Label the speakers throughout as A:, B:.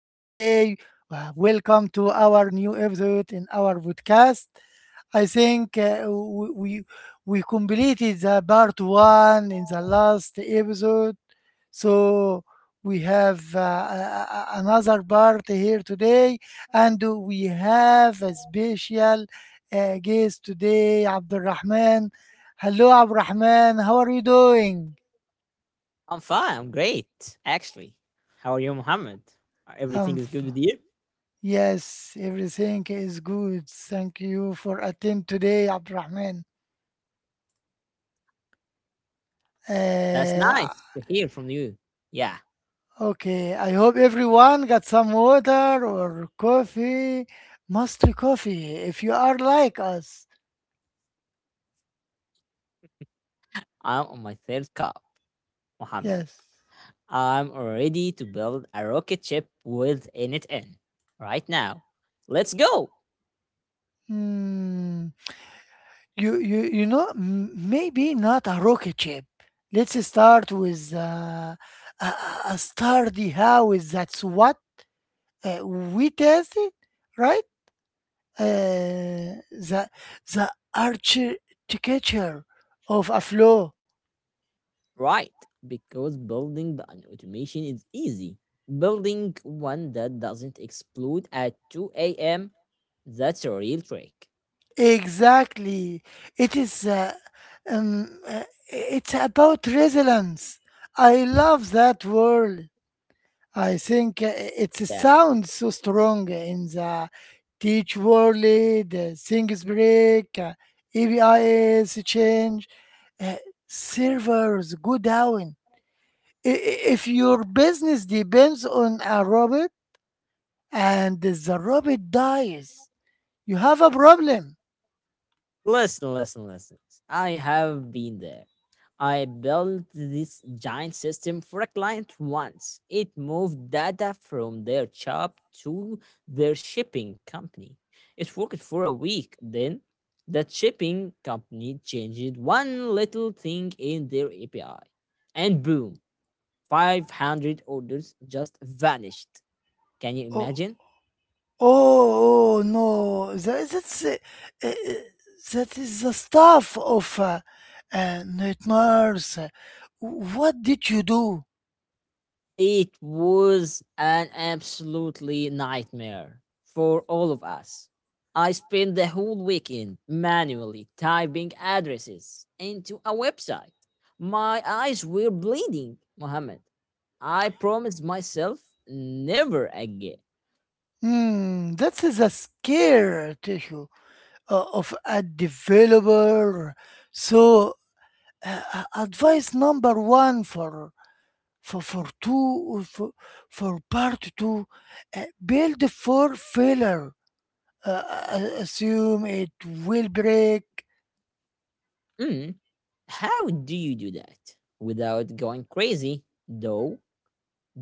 A: Welcome to our new episode in our podcast. I think we completed the part one in the last episode, so we have another part here today, and we have a special guest today, Abdulrahman. Hello, Abdulrahman. How are you doing?
B: I'm fine. I'm great, actually. How are you, Mohammed? Everything
A: Um,
B: is good with you?
A: yes, everything is good. Thank you for attend today, Abdurrahman.
B: That's
A: Uh,
B: nice to hear from you. Yeah,
A: okay, I hope everyone got some water or coffee, mostly coffee, if you are like us.
B: I'm on my third cup, Mohammed.
A: Yes.
B: I'm ready to build a rocket ship with NTN right now. Let's go!
A: Hmm. You know, maybe not a rocket ship. Let's start with a, a sturdy house. That's what we tested, right? The the architecture of a flow.
B: Right, because an automation is easy. Building one that doesn't explode at 2 a.m. That's a real trick.
A: Exactly, it is um, uh, it's about resilience. I love that word. I think it
B: Yeah.
A: sounds so strong in the teach world. The things break, ABIs change, uh, servers go down. If your business depends on a robot, and the rabbit dies. You have a problem.
B: Listen, listen, listen. I have been there. I built this giant system for a client once. It moved data from their shop to their shipping company. It worked for a week. Then that shipping company changed one little thing in their API. And boom, 500 orders just vanished. Can you
A: Oh,
B: imagine?
A: oh no. That's, uh, that is the stuff of nightmares. What did you do?
B: It was an absolutely nightmare for all of us. I spent the whole weekend manually typing addresses into a website. My eyes were bleeding, Mohammed. I promised myself never again.
A: Hmm, that is a scare tissue of a developer. So, advice number one for for two for, for part two, build for failure. uh, assume it will break.
B: Mm, how do you do that without going crazy, though?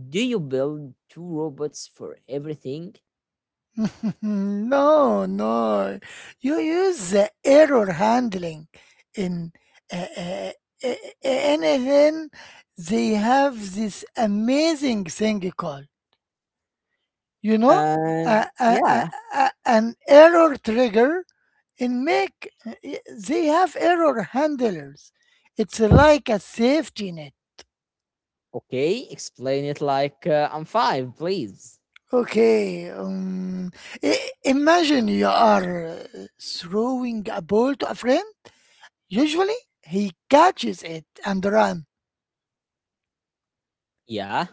B: Do you build two robots for everything?
A: No, No. You use the error handling in uh, uh, uh, anything. They have this amazing thing called, you know, uh,
B: And
A: uh,
B: yeah.
A: uh, an error trigger in make. They have error handlers. It's like a safety net.
B: Okay, explain it like I'm five, please.
A: Okay. Imagine you are throwing a ball to a friend. Usually, he catches it and run.
B: Yeah.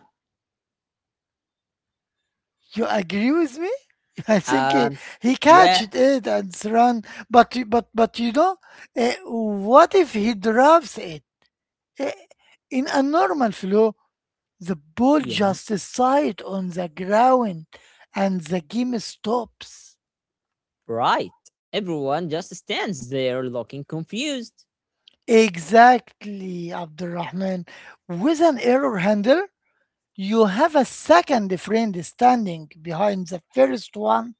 A: You agree with me? I think he,
B: Um.
A: he
B: Yeah.
A: catched it and run. But you know, what if he drops it? Eh, in a normal flow, the ball
B: Yeah.
A: just side on the ground, and the game stops.
B: Right. Everyone just stands there looking confused.
A: Exactly, Abdurrahman. With an error handler, you have a second friend standing behind the first one.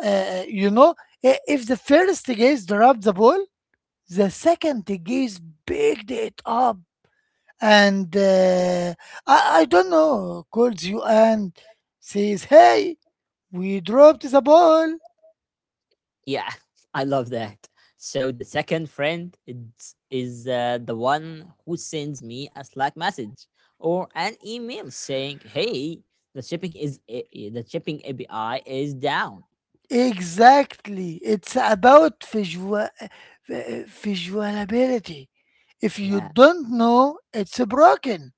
A: You know, if the first gaze dropped the ball, the second gaze picked it up and I don't know, calls you and says, "Hey, we dropped the ball."
B: Yeah, I love that. So the second friend is the one who sends me a Slack message or an email saying, "Hey, the shipping the shipping API is down."
A: Exactly. It's about visual visualability. If you
B: Yeah.
A: don't know, it's broken.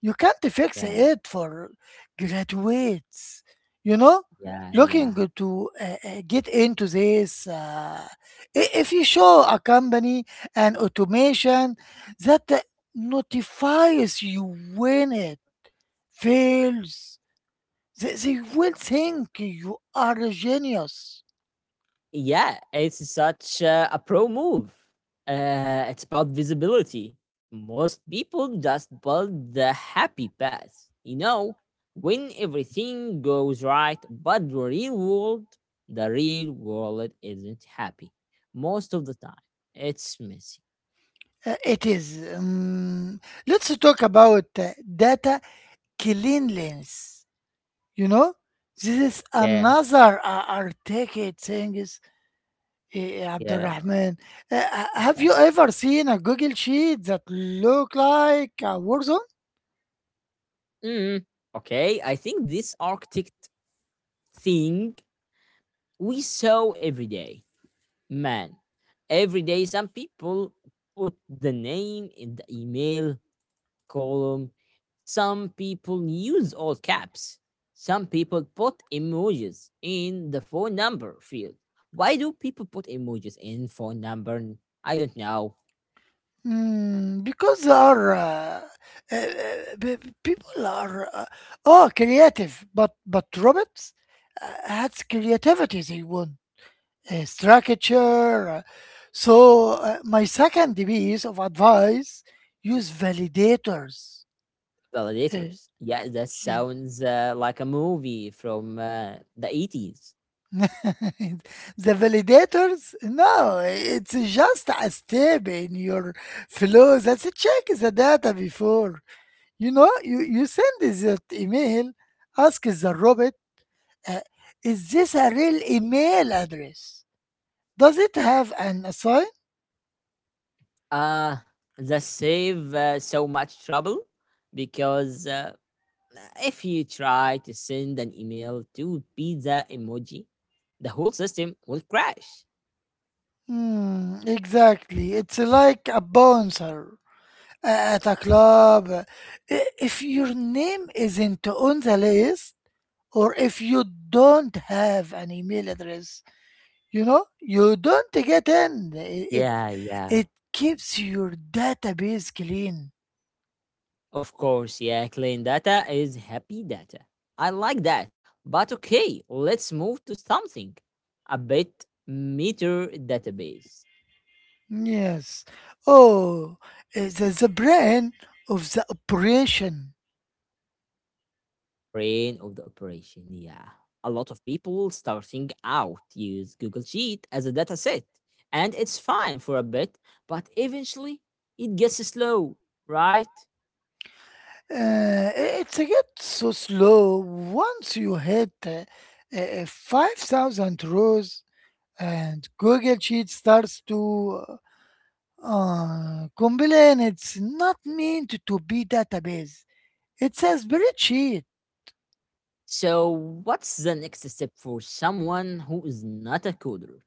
A: You can't fix
B: Yeah.
A: it for graduates. You know,
B: Yeah.
A: looking
B: Yeah.
A: to get into this. If you show a company an automation that notifies you when it fails, they will think you are a genius.
B: Yeah, it's such a pro move. It's about visibility. Most people just build the happy path, you know, when everything goes right, but the real world isn't happy most of the time. It's messy.
A: It is. Let's talk about data cleanliness. You know, this is
B: Yeah,
A: another articulate thing, is,
B: yeah,
A: Abdurrahman. Have you
B: yeah.
A: ever seen a Google sheet that look like a war zone?
B: Mm, okay, I think this architect thing we saw every day, man. Every day, some people put the name in the email column. Some people use all caps. Some people put emojis in the phone number field. Why do people put emojis in phone number? I don't know.
A: Mm, because they are uh, uh, people are oh creative, but robots uh, has creativity they want. Structure. So, my second piece of advice use validators. Uh,
B: Validators. Yeah, that
A: yes.
B: sounds like a movie from the eighties.
A: The validators, no, it's just a step in your flow that check the data before. You know, you send that email, ask the robot, uh, is this a real email address? Does it have an assign?
B: Uh, that save so much trouble because if you try to send an email to pizza emoji, the whole system will crash.
A: Hmm, exactly. It's like a bouncer at a club. If your name isn't on the list, or if you don't have an email address, you know, you don't get in. It
B: Yeah, yeah.
A: it keeps your database clean.
B: Of course, yeah, clean data is happy data. I like that. But okay, let's move to something a bit meter database.
A: Yes. Oh, the brain of the operation.
B: Brain of the operation, yeah. A lot of people starting out use Google Sheet as a dataset, and it's fine for a bit, but eventually it gets slow, right?
A: It gets so slow once you hit 5,000 rows. And Google Sheet starts to complain it's not meant to be database. It's a spreadsheet.
B: So, what's the next step for someone who is not a coder?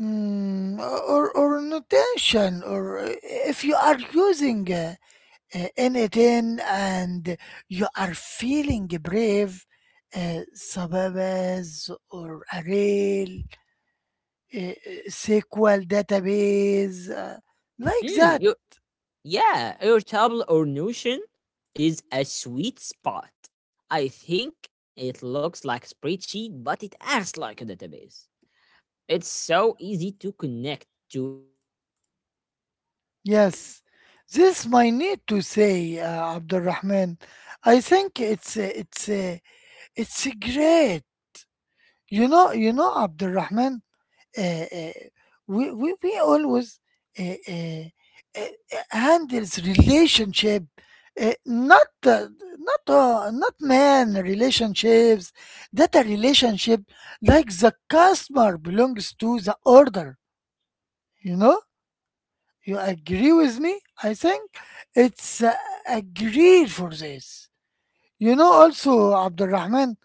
A: Mm, or notation or if you are using anything and you are feeling brave, Sababas or Array, uh, uh, SQL database, like
B: Mm,
A: that.
B: you, yeah, Airtable or Notion is a sweet spot. I think it looks like spreadsheet, but it acts like a database. It's so easy to connect to end-to-end or make.
A: Yes, this might need to say, Abdurrahman. I think it's great.
B: Yeah, it's
A: You
B: very
A: know,
B: easy.
A: Abdurrahman.
B: It's
A: Uh, uh,
B: and it handles a
A: we always
B: relationship,
A: uh, uh,
B: not
A: uh,
B: uh, not a
A: handles
B: human relationship.
A: relationship,
B: It's
A: uh,
B: data.
A: not
B: It's
A: uh,
B: data
A: not
B: relationship,
A: man
B: like the
A: relationships.
B: customer
A: That a relationship
B: belongs to
A: like the
B: this
A: customer
B: order, you
A: belongs
B: know
A: to the order.
B: it's uh
A: You know.
B: mm,
A: You agree with me? I
B: it's
A: think
B: and it and
A: it's
B: fix it my
A: agreed for
B: marriage.
A: this.
B: No,
A: You know,
B: that's a
A: also,
B: different
A: Abdurrahman,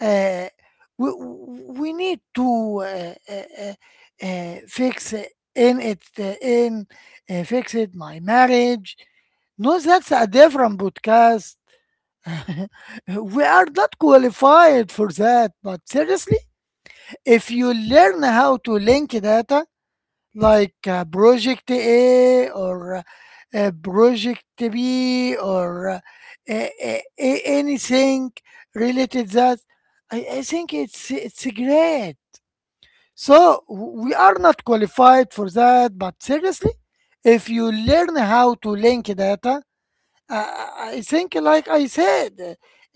A: uh,
B: We will not
A: we need
B: switch our
A: to
B: topic. Okay,
A: fix in it, in fix
B: yeah,
A: it, my marriage.
B: that's a
A: No,
B: very
A: that's a
B: okay.
A: different podcast. We are not qualified for that. But seriously, if you learn how to link data, like project A or project B or anything related, that I think it's great. So we are not qualified for that, but seriously, if you learn how to link data, I think like I said,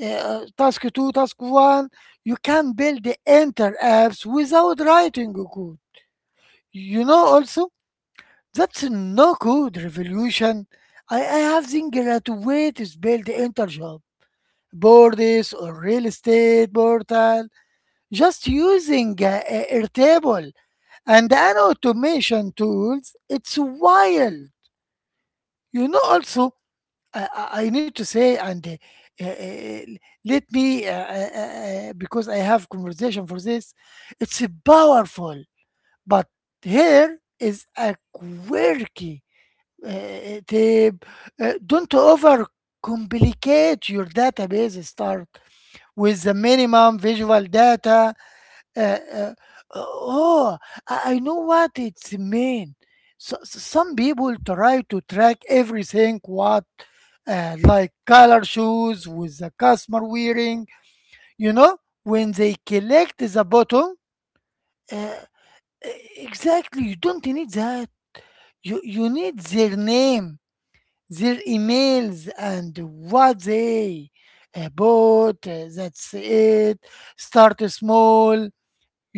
A: task two, task one, you can build the enter apps without writing a code. You know also that's no good revolution. I have seen graduates build enter job boards or real estate portal just using Airtable and an automation tools. It's wild. You know, also, I need to say, and let me, because I have conversation for this, it's powerful. But here is a quirky. Uh, they, don't overcomplicate your database. Start with the minimum visual data. Uh, uh, oh, I know what it's mean. So, so some people try to track everything what like color shoes with the customer wearing. You know when they collect the bottom. Uh, exactly, you don't need that. You need their name, their emails and what they bought. That's it. Start small.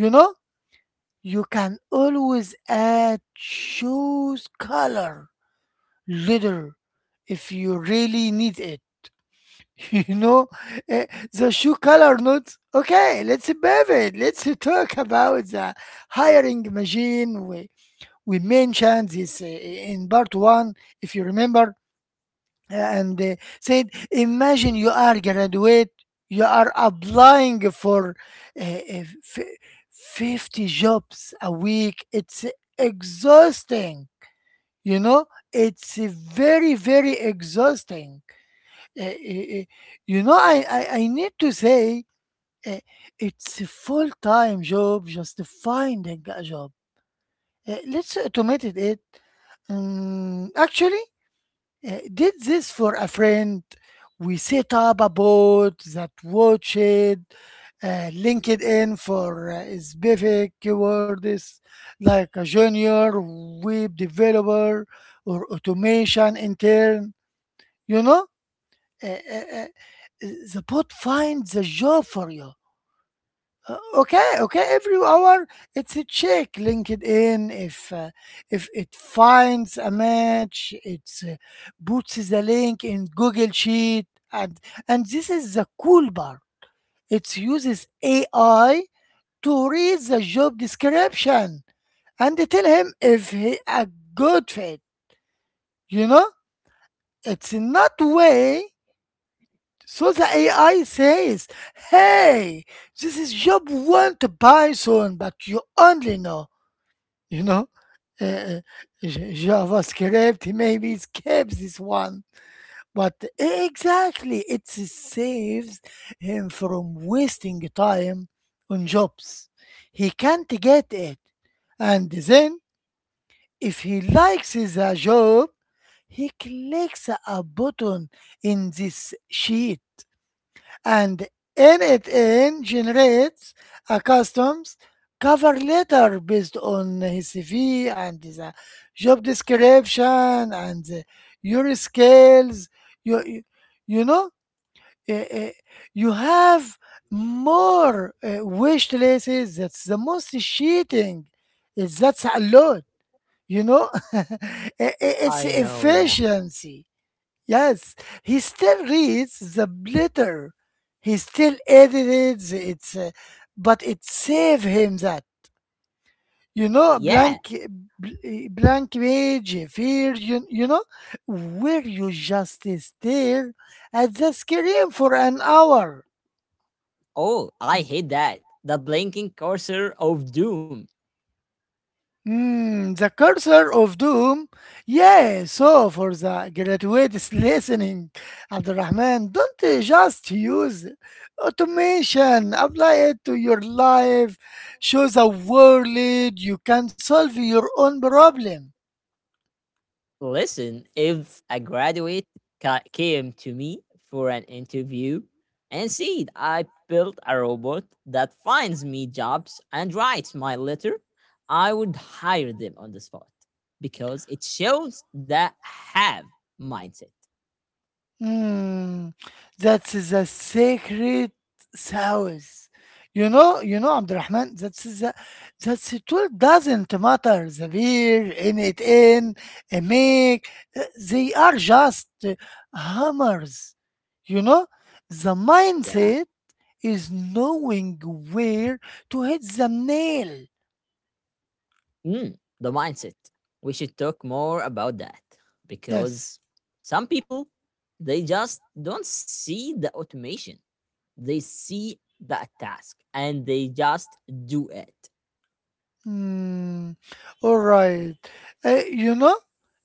A: You know, you can always add shoes color later if you really need it. You know, uh, the shoe color notes. Okay, let's pivot. Let's talk about the hiring machine. We mentioned this in part one, if you remember, and said, "Imagine you are graduate, you are applying for uh, uh, fi- 50 jobs a week. It's exhausting. You know, it's very very exhausting. Uh, uh, uh, you know, I need to say." uh, it's a full-time job just finding a job. Let's automate it. Actually did this for a friend. We set up a bot that watched LinkedIn for specific keywords like a junior web developer or automation intern. You know, Uh, uh, uh, the bot finds a job for you. Okay, okay, every hour it's a check linkedin if uh, if it finds a match, it puts the link in google sheet, and and this is the cool part, it uses ai to read the job description and tell him if he a good fit. You know, it's not way. So the ai says, "Hey, this is job one to python but you only know, you know, uh, javascript, maybe it skips this one." But exactly, it saves him from wasting time on jobs he can't get it. And then if he likes the job, he clicks a button in this sheet, and in it in generates a customs cover letter based on his CV and the job description and your skills. You, you, you know, eh, eh, you have more wish lists. That's the most cheating. Is that's a lot. You know, it's efficiency. Yes, he still reads the letter. He still edits it, but it saved him that. You know, blank page, fear, you know, where you just stare at the screen for an hour. Mm, the cursor of doom. Yeah, so for the graduates listening, Abdurrahman, don't just use automation. Apply it to your life. Show the world you can solve your own problem. Mm, that's the sacred sauce. You know, Abdurrahman, that's it all doesn't matter. The beer, a make, they are just hammers. You know, the mindset is knowing where to hit the nail. Yes. Mm, all right. You know,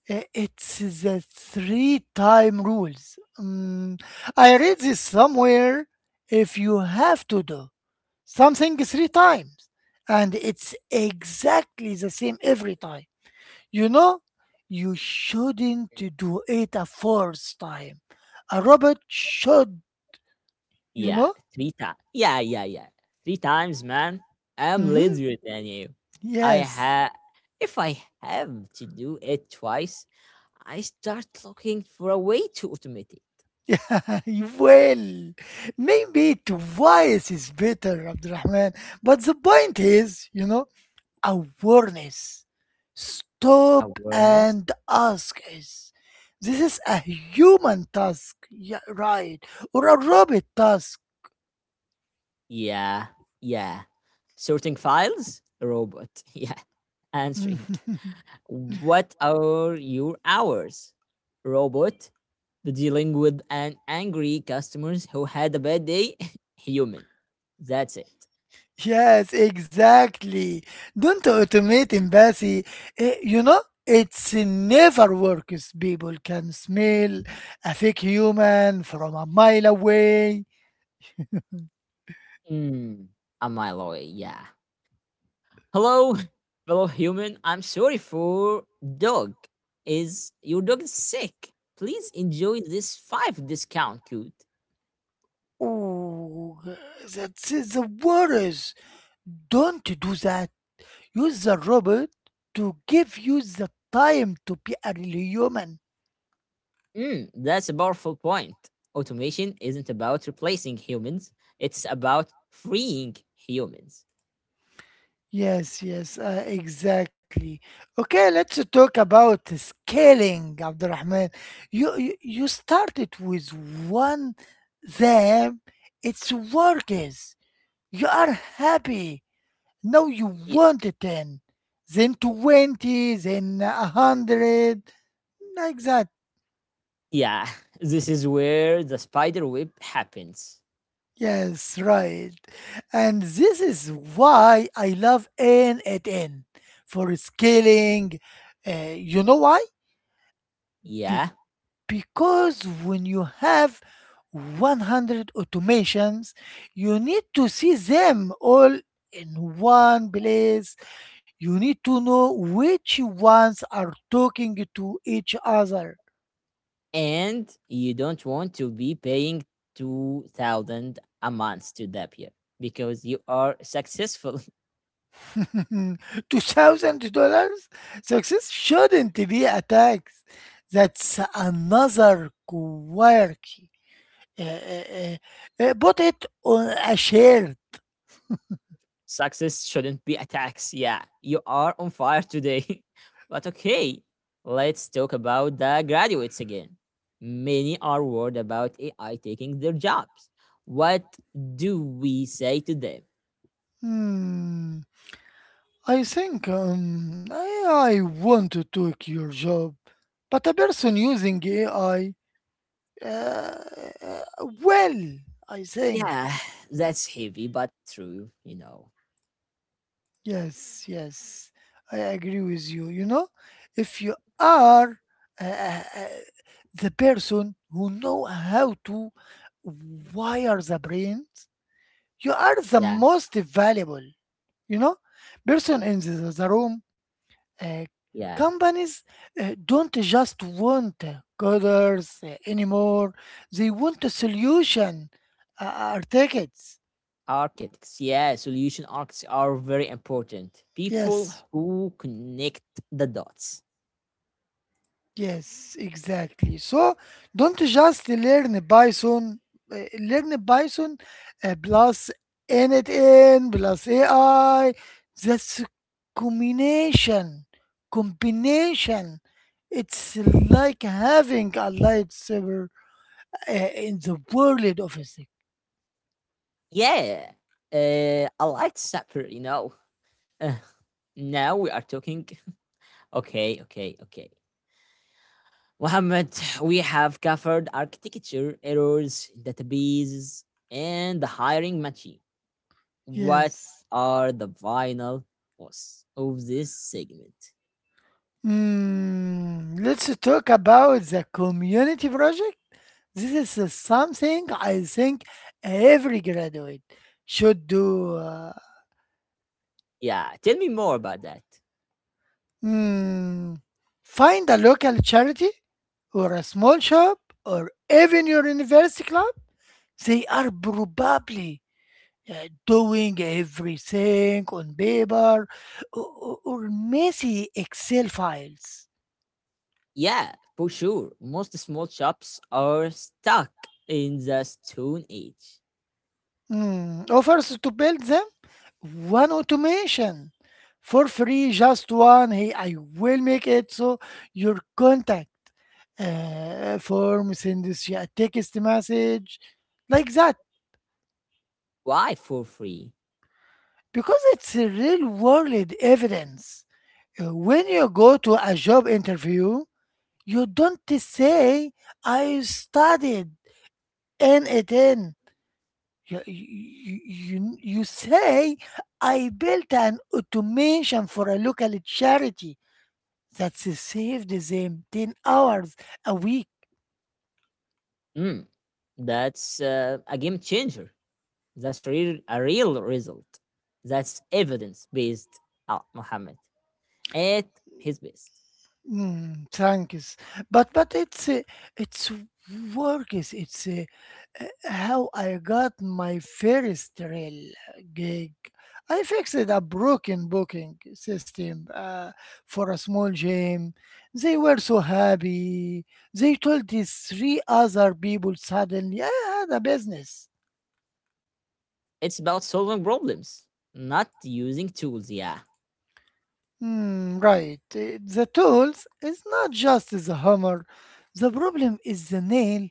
A: it's the three time rules. Mm, I read this somewhere. If you have to do something three times, and it's exactly the same every time, you know, you shouldn't do it a fourth time. A robot should, you know? Hmm. Yes. Yeah, well, maybe twice is better, Abdurrahman. But the point is, you know, awareness. Stop and ask us. This is a human task, yeah, right? Or a robot task. Mm, yes, exactly. Don't automate embassy. You know, it's never works. People can smell a fake human from a mile away. Oh, that's the worst. Don't do that. Use the robot to give you the time to be a real human. Yes, yes, exactly. Okay, let's talk about scaling, Abdurrahman. You started with one them. It's workers. You are happy. No, you want a 10, then 20, then a 100, like that. Yes, right. And this is why I love N at N for scaling. You know why? Be- because when you have 100 automations, you need to see them all in one place. You need to know which ones are talking to each other. $2,000? Success shouldn't be a tax. That's another quirky. Uh, uh, uh, Put it on a shirt. Hmm. I think um, I I want to take your job, but a person using AI. uh, uh, well, I think. Yes, yes, I agree with you. You know, if you are uh, uh, uh, the person who know how to wire the brain, you are the most valuable. You know, person in the room. Uh, Companies don't just want coders anymore. They want a solution, tickets. Yes. Yes, exactly. So don't just learn Python plus NetN plus AI. That's combination, combination. It's like having a lightsaber in the world of physics. Yes. Let's talk about the community project. This is something I think every graduate should do. Mm, Find a local charity or a small shop or even your university club. They are probably doing everything on paper or, or messy Excel files. Offers to build them one automation for free, just one. Hey, I will make it so your contact form sends you a text message like that because it's a real world evidence. When you go to a job interview, you don't say, I studied N at you say I built an automation for a local charity that saved them 10 hours a week. Thanks. But it's works. It's how I got my first real gig. I fixed a broken booking system for a small gym. They were so happy. They told these three other people suddenly I had a business. Hmm, right. The tools is not just the hammer. The problem is the nail.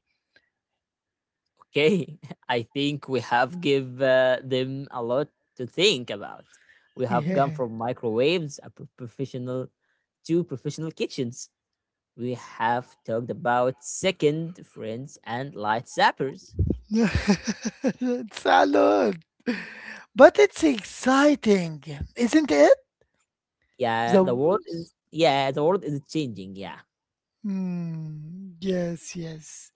A: Yeah. It's a lot. But it's exciting, isn't it? The w- s- mm, yes, yes.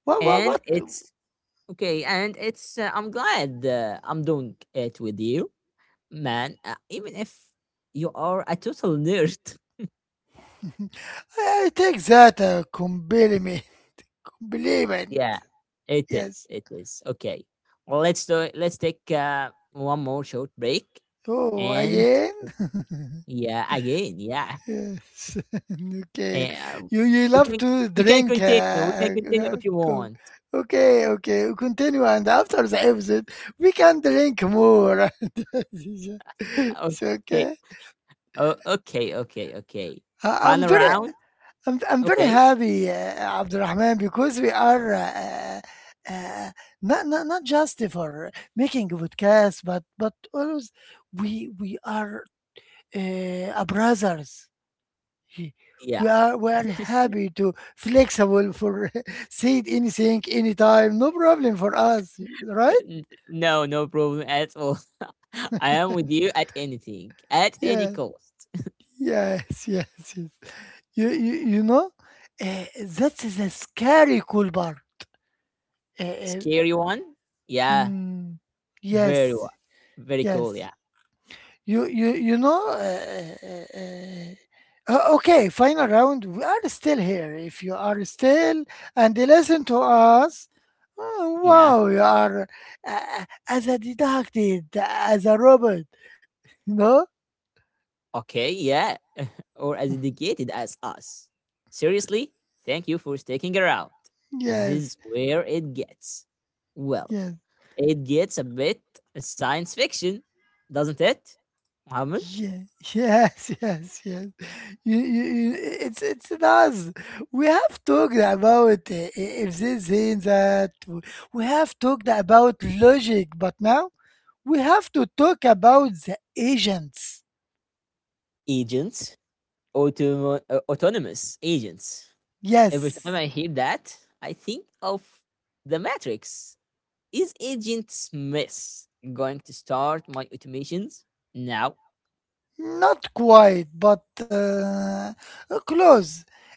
A: What? I take that a compliment. Compliment. Yes. Oh, again? Yes. Okay. You love to drink. Uh, co- okay, okay. We continue, and after the episode, we can drink more. It's okay. I- I'm very I'm very happy, Abdurrahman, because we are uh, uh, not just for making a podcast, but always we are a brothers. He- we are happy to flexible for say it anything anytime, no problem for us, right? Yeah, yes, yes. You know, uh, that's the scary cool bar. Uh, uh, mm, yes, Yes. You know okay, final round. We are still here. If you are still and listen to us, oh, wow, you are as a deducted, as a robot. You know? Yes. Yes. Yeah, yes, yes. It's us. We have talked about if this thing that we have talked about logic, but now we have to talk about the agents. Yes, not quite, but close.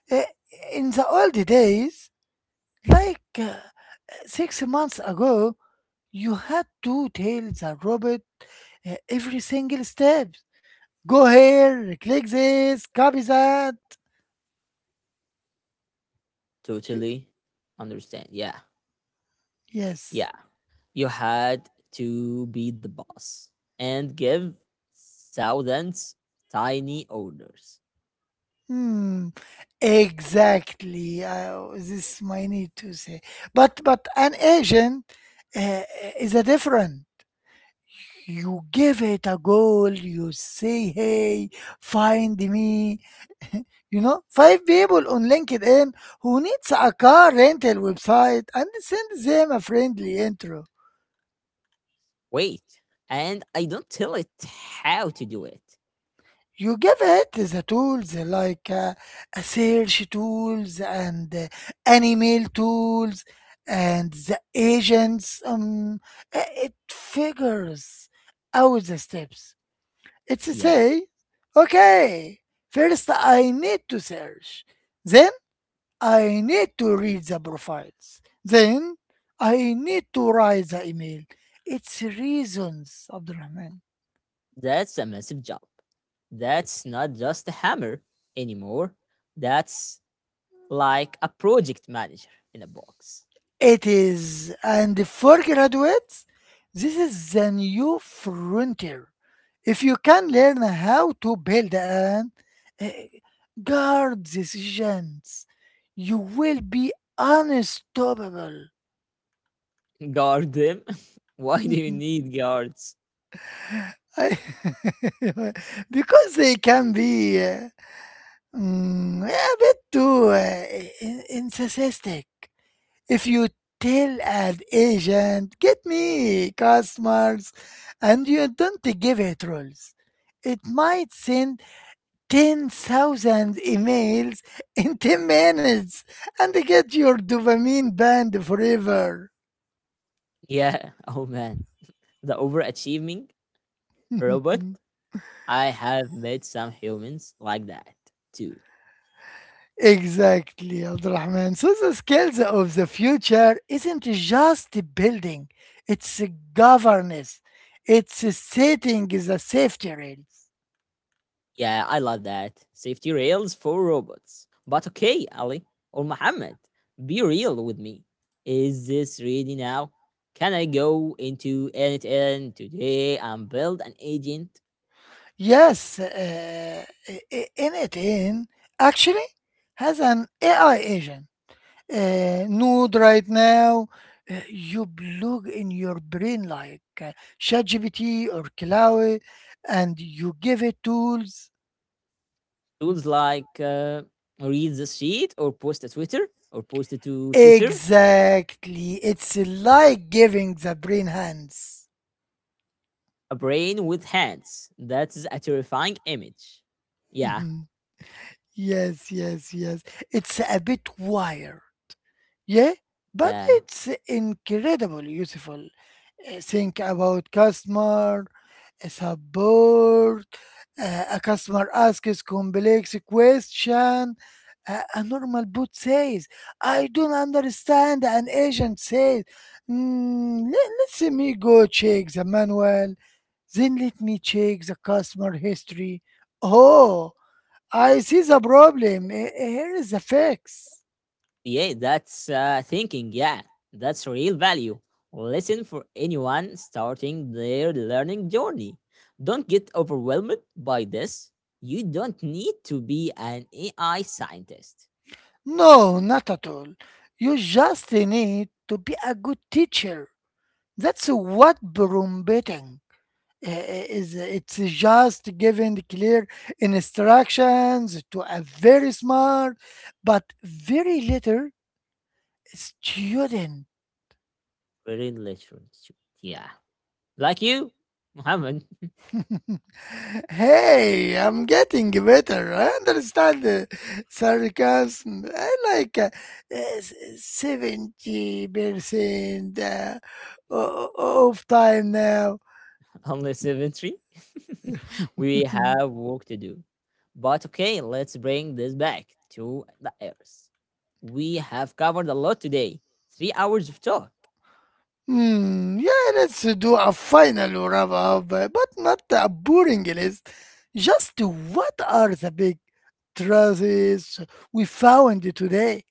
A: Uh, In the old days, like 6 months ago, you had to tell the robot every single step. Go here, click this, copy that. You, yes. Hmm. Exactly. This is my need to say. But an agent uh, uh, is a different. You give it a goal. You say, "Hey, find me." You know, five people on LinkedIn who needs a car rental website and send them a friendly intro. You give it the tools like a search tools and an email tools and the agents it figures out the steps. It's say okay, first I need to search, then I need to read the profiles, then I need to write the email. It's reasons, abdurrahman. It is, and for graduates, this is the new frontier. If you can learn how to build and uh, guard these gems, you will be unstoppable. I- because they can be a bit too narcissistic. If you tell an agent, get me customers, and you don't give it rules, it might send 10,000 emails in 10 minutes and get your dopamine banned forever. Exactly, Abdurrahman. So the skills of the future isn't just building, it's governance, it's setting the safety rails. Yes, N 18 actually has an AI agent node right now. You plug in your brain like ChatGPT or Cloud, and you give it tools. Exactly, it's like giving the brain hands. Yes, yes. It's a bit wire. Yeah, but it's incredible useful. Think about customer support. A customer asks complex question. A normal bot says, "I don't understand." An agent says, "Mm, let me go check the manual." Then let me check the customer history. Oh, I see the problem. Here is the fix. No, not at all. You just need to be a good teacher. That's what broombating is. It's just giving clear instructions to a very smart but very little student. Hey, I'm getting better. I understand the sarcasm. I like 70% of time now. Hmm, yeah, let's do a final wrap up, but not a boring list. Just what are the big truths we found today?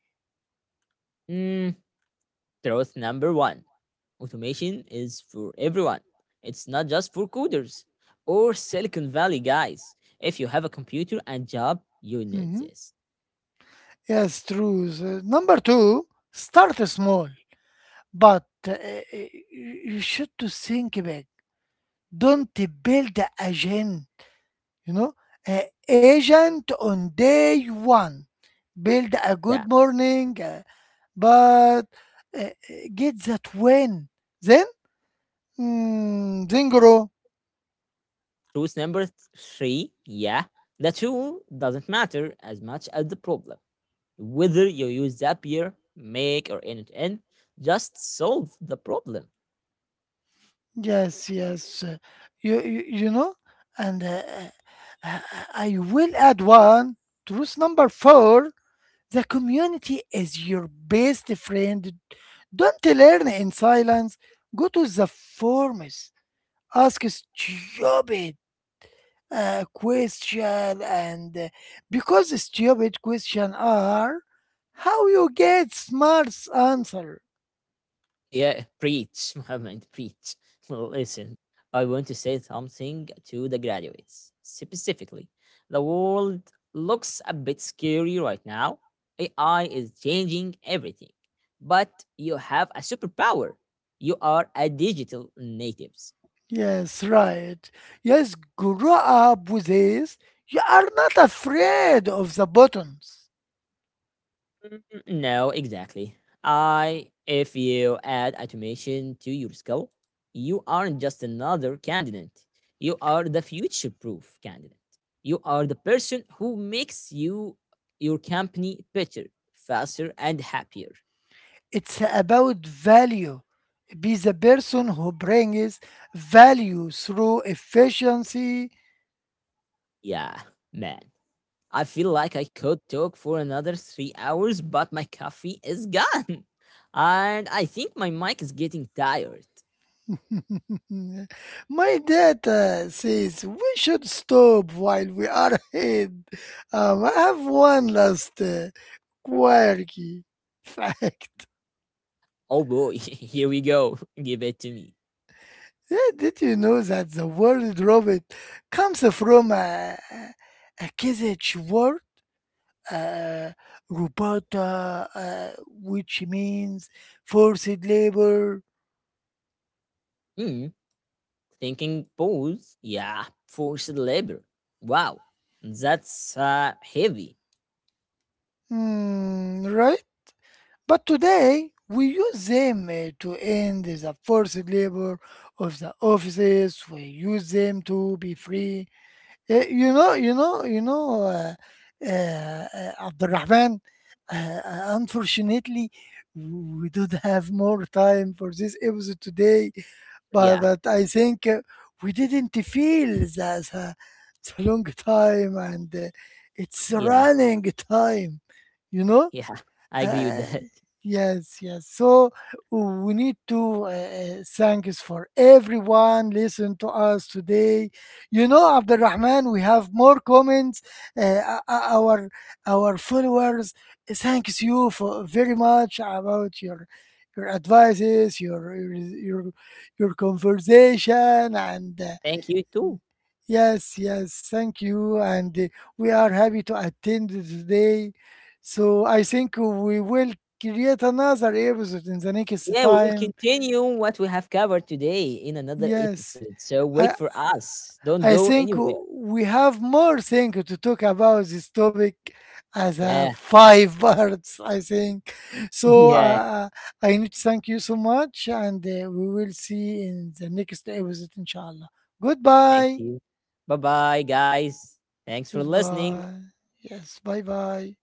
A: Mhm. Yes, truths. Number two, start small. But you should to think back. Don't build a gen, you know, a agent on day one. Build a good morning, but uh, get that when, then then grow. Yes, yes, you know, and uh, I will add one truth number four. The community is your best friend. Don't learn in silence. Go to the forums. Ask stupid question and because stupid question are how you get smart answer. Yes, right. Yes, grow up with this. You are not afraid of the buttons. It's about value. Be the person who brings value through efficiency. My data says we should stop while we are ahead. I have one last quirky fact. Yeah, did you know that the word robot comes from a Kazakh word, uh, robota, which means forced labor? Hmm, right? But today, we use them to end the forced labor of the offices. We use them to be free. You know, you know, you know, Abdurrahman, uh, unfortunately, we don't have more time for this episode today, but I think we didn't feel the long time and it's running time, you know? Uh, yes, yes. So we need to thanks for everyone listen to us today. You know, Abdul Rahman, we have more comments. Uh, o- o- our our followers thanks you for very much about your advices, your conversation, and yes, yes, thank you. And we are happy to attend today. So I think we will create another episode in the next time. Yes, I, I think we have more things to talk about this topic as a five parts, I think. So I need to thank you so much, and we will see in the next episode, inshallah. Goodbye. Goodbye. Yes, bye bye.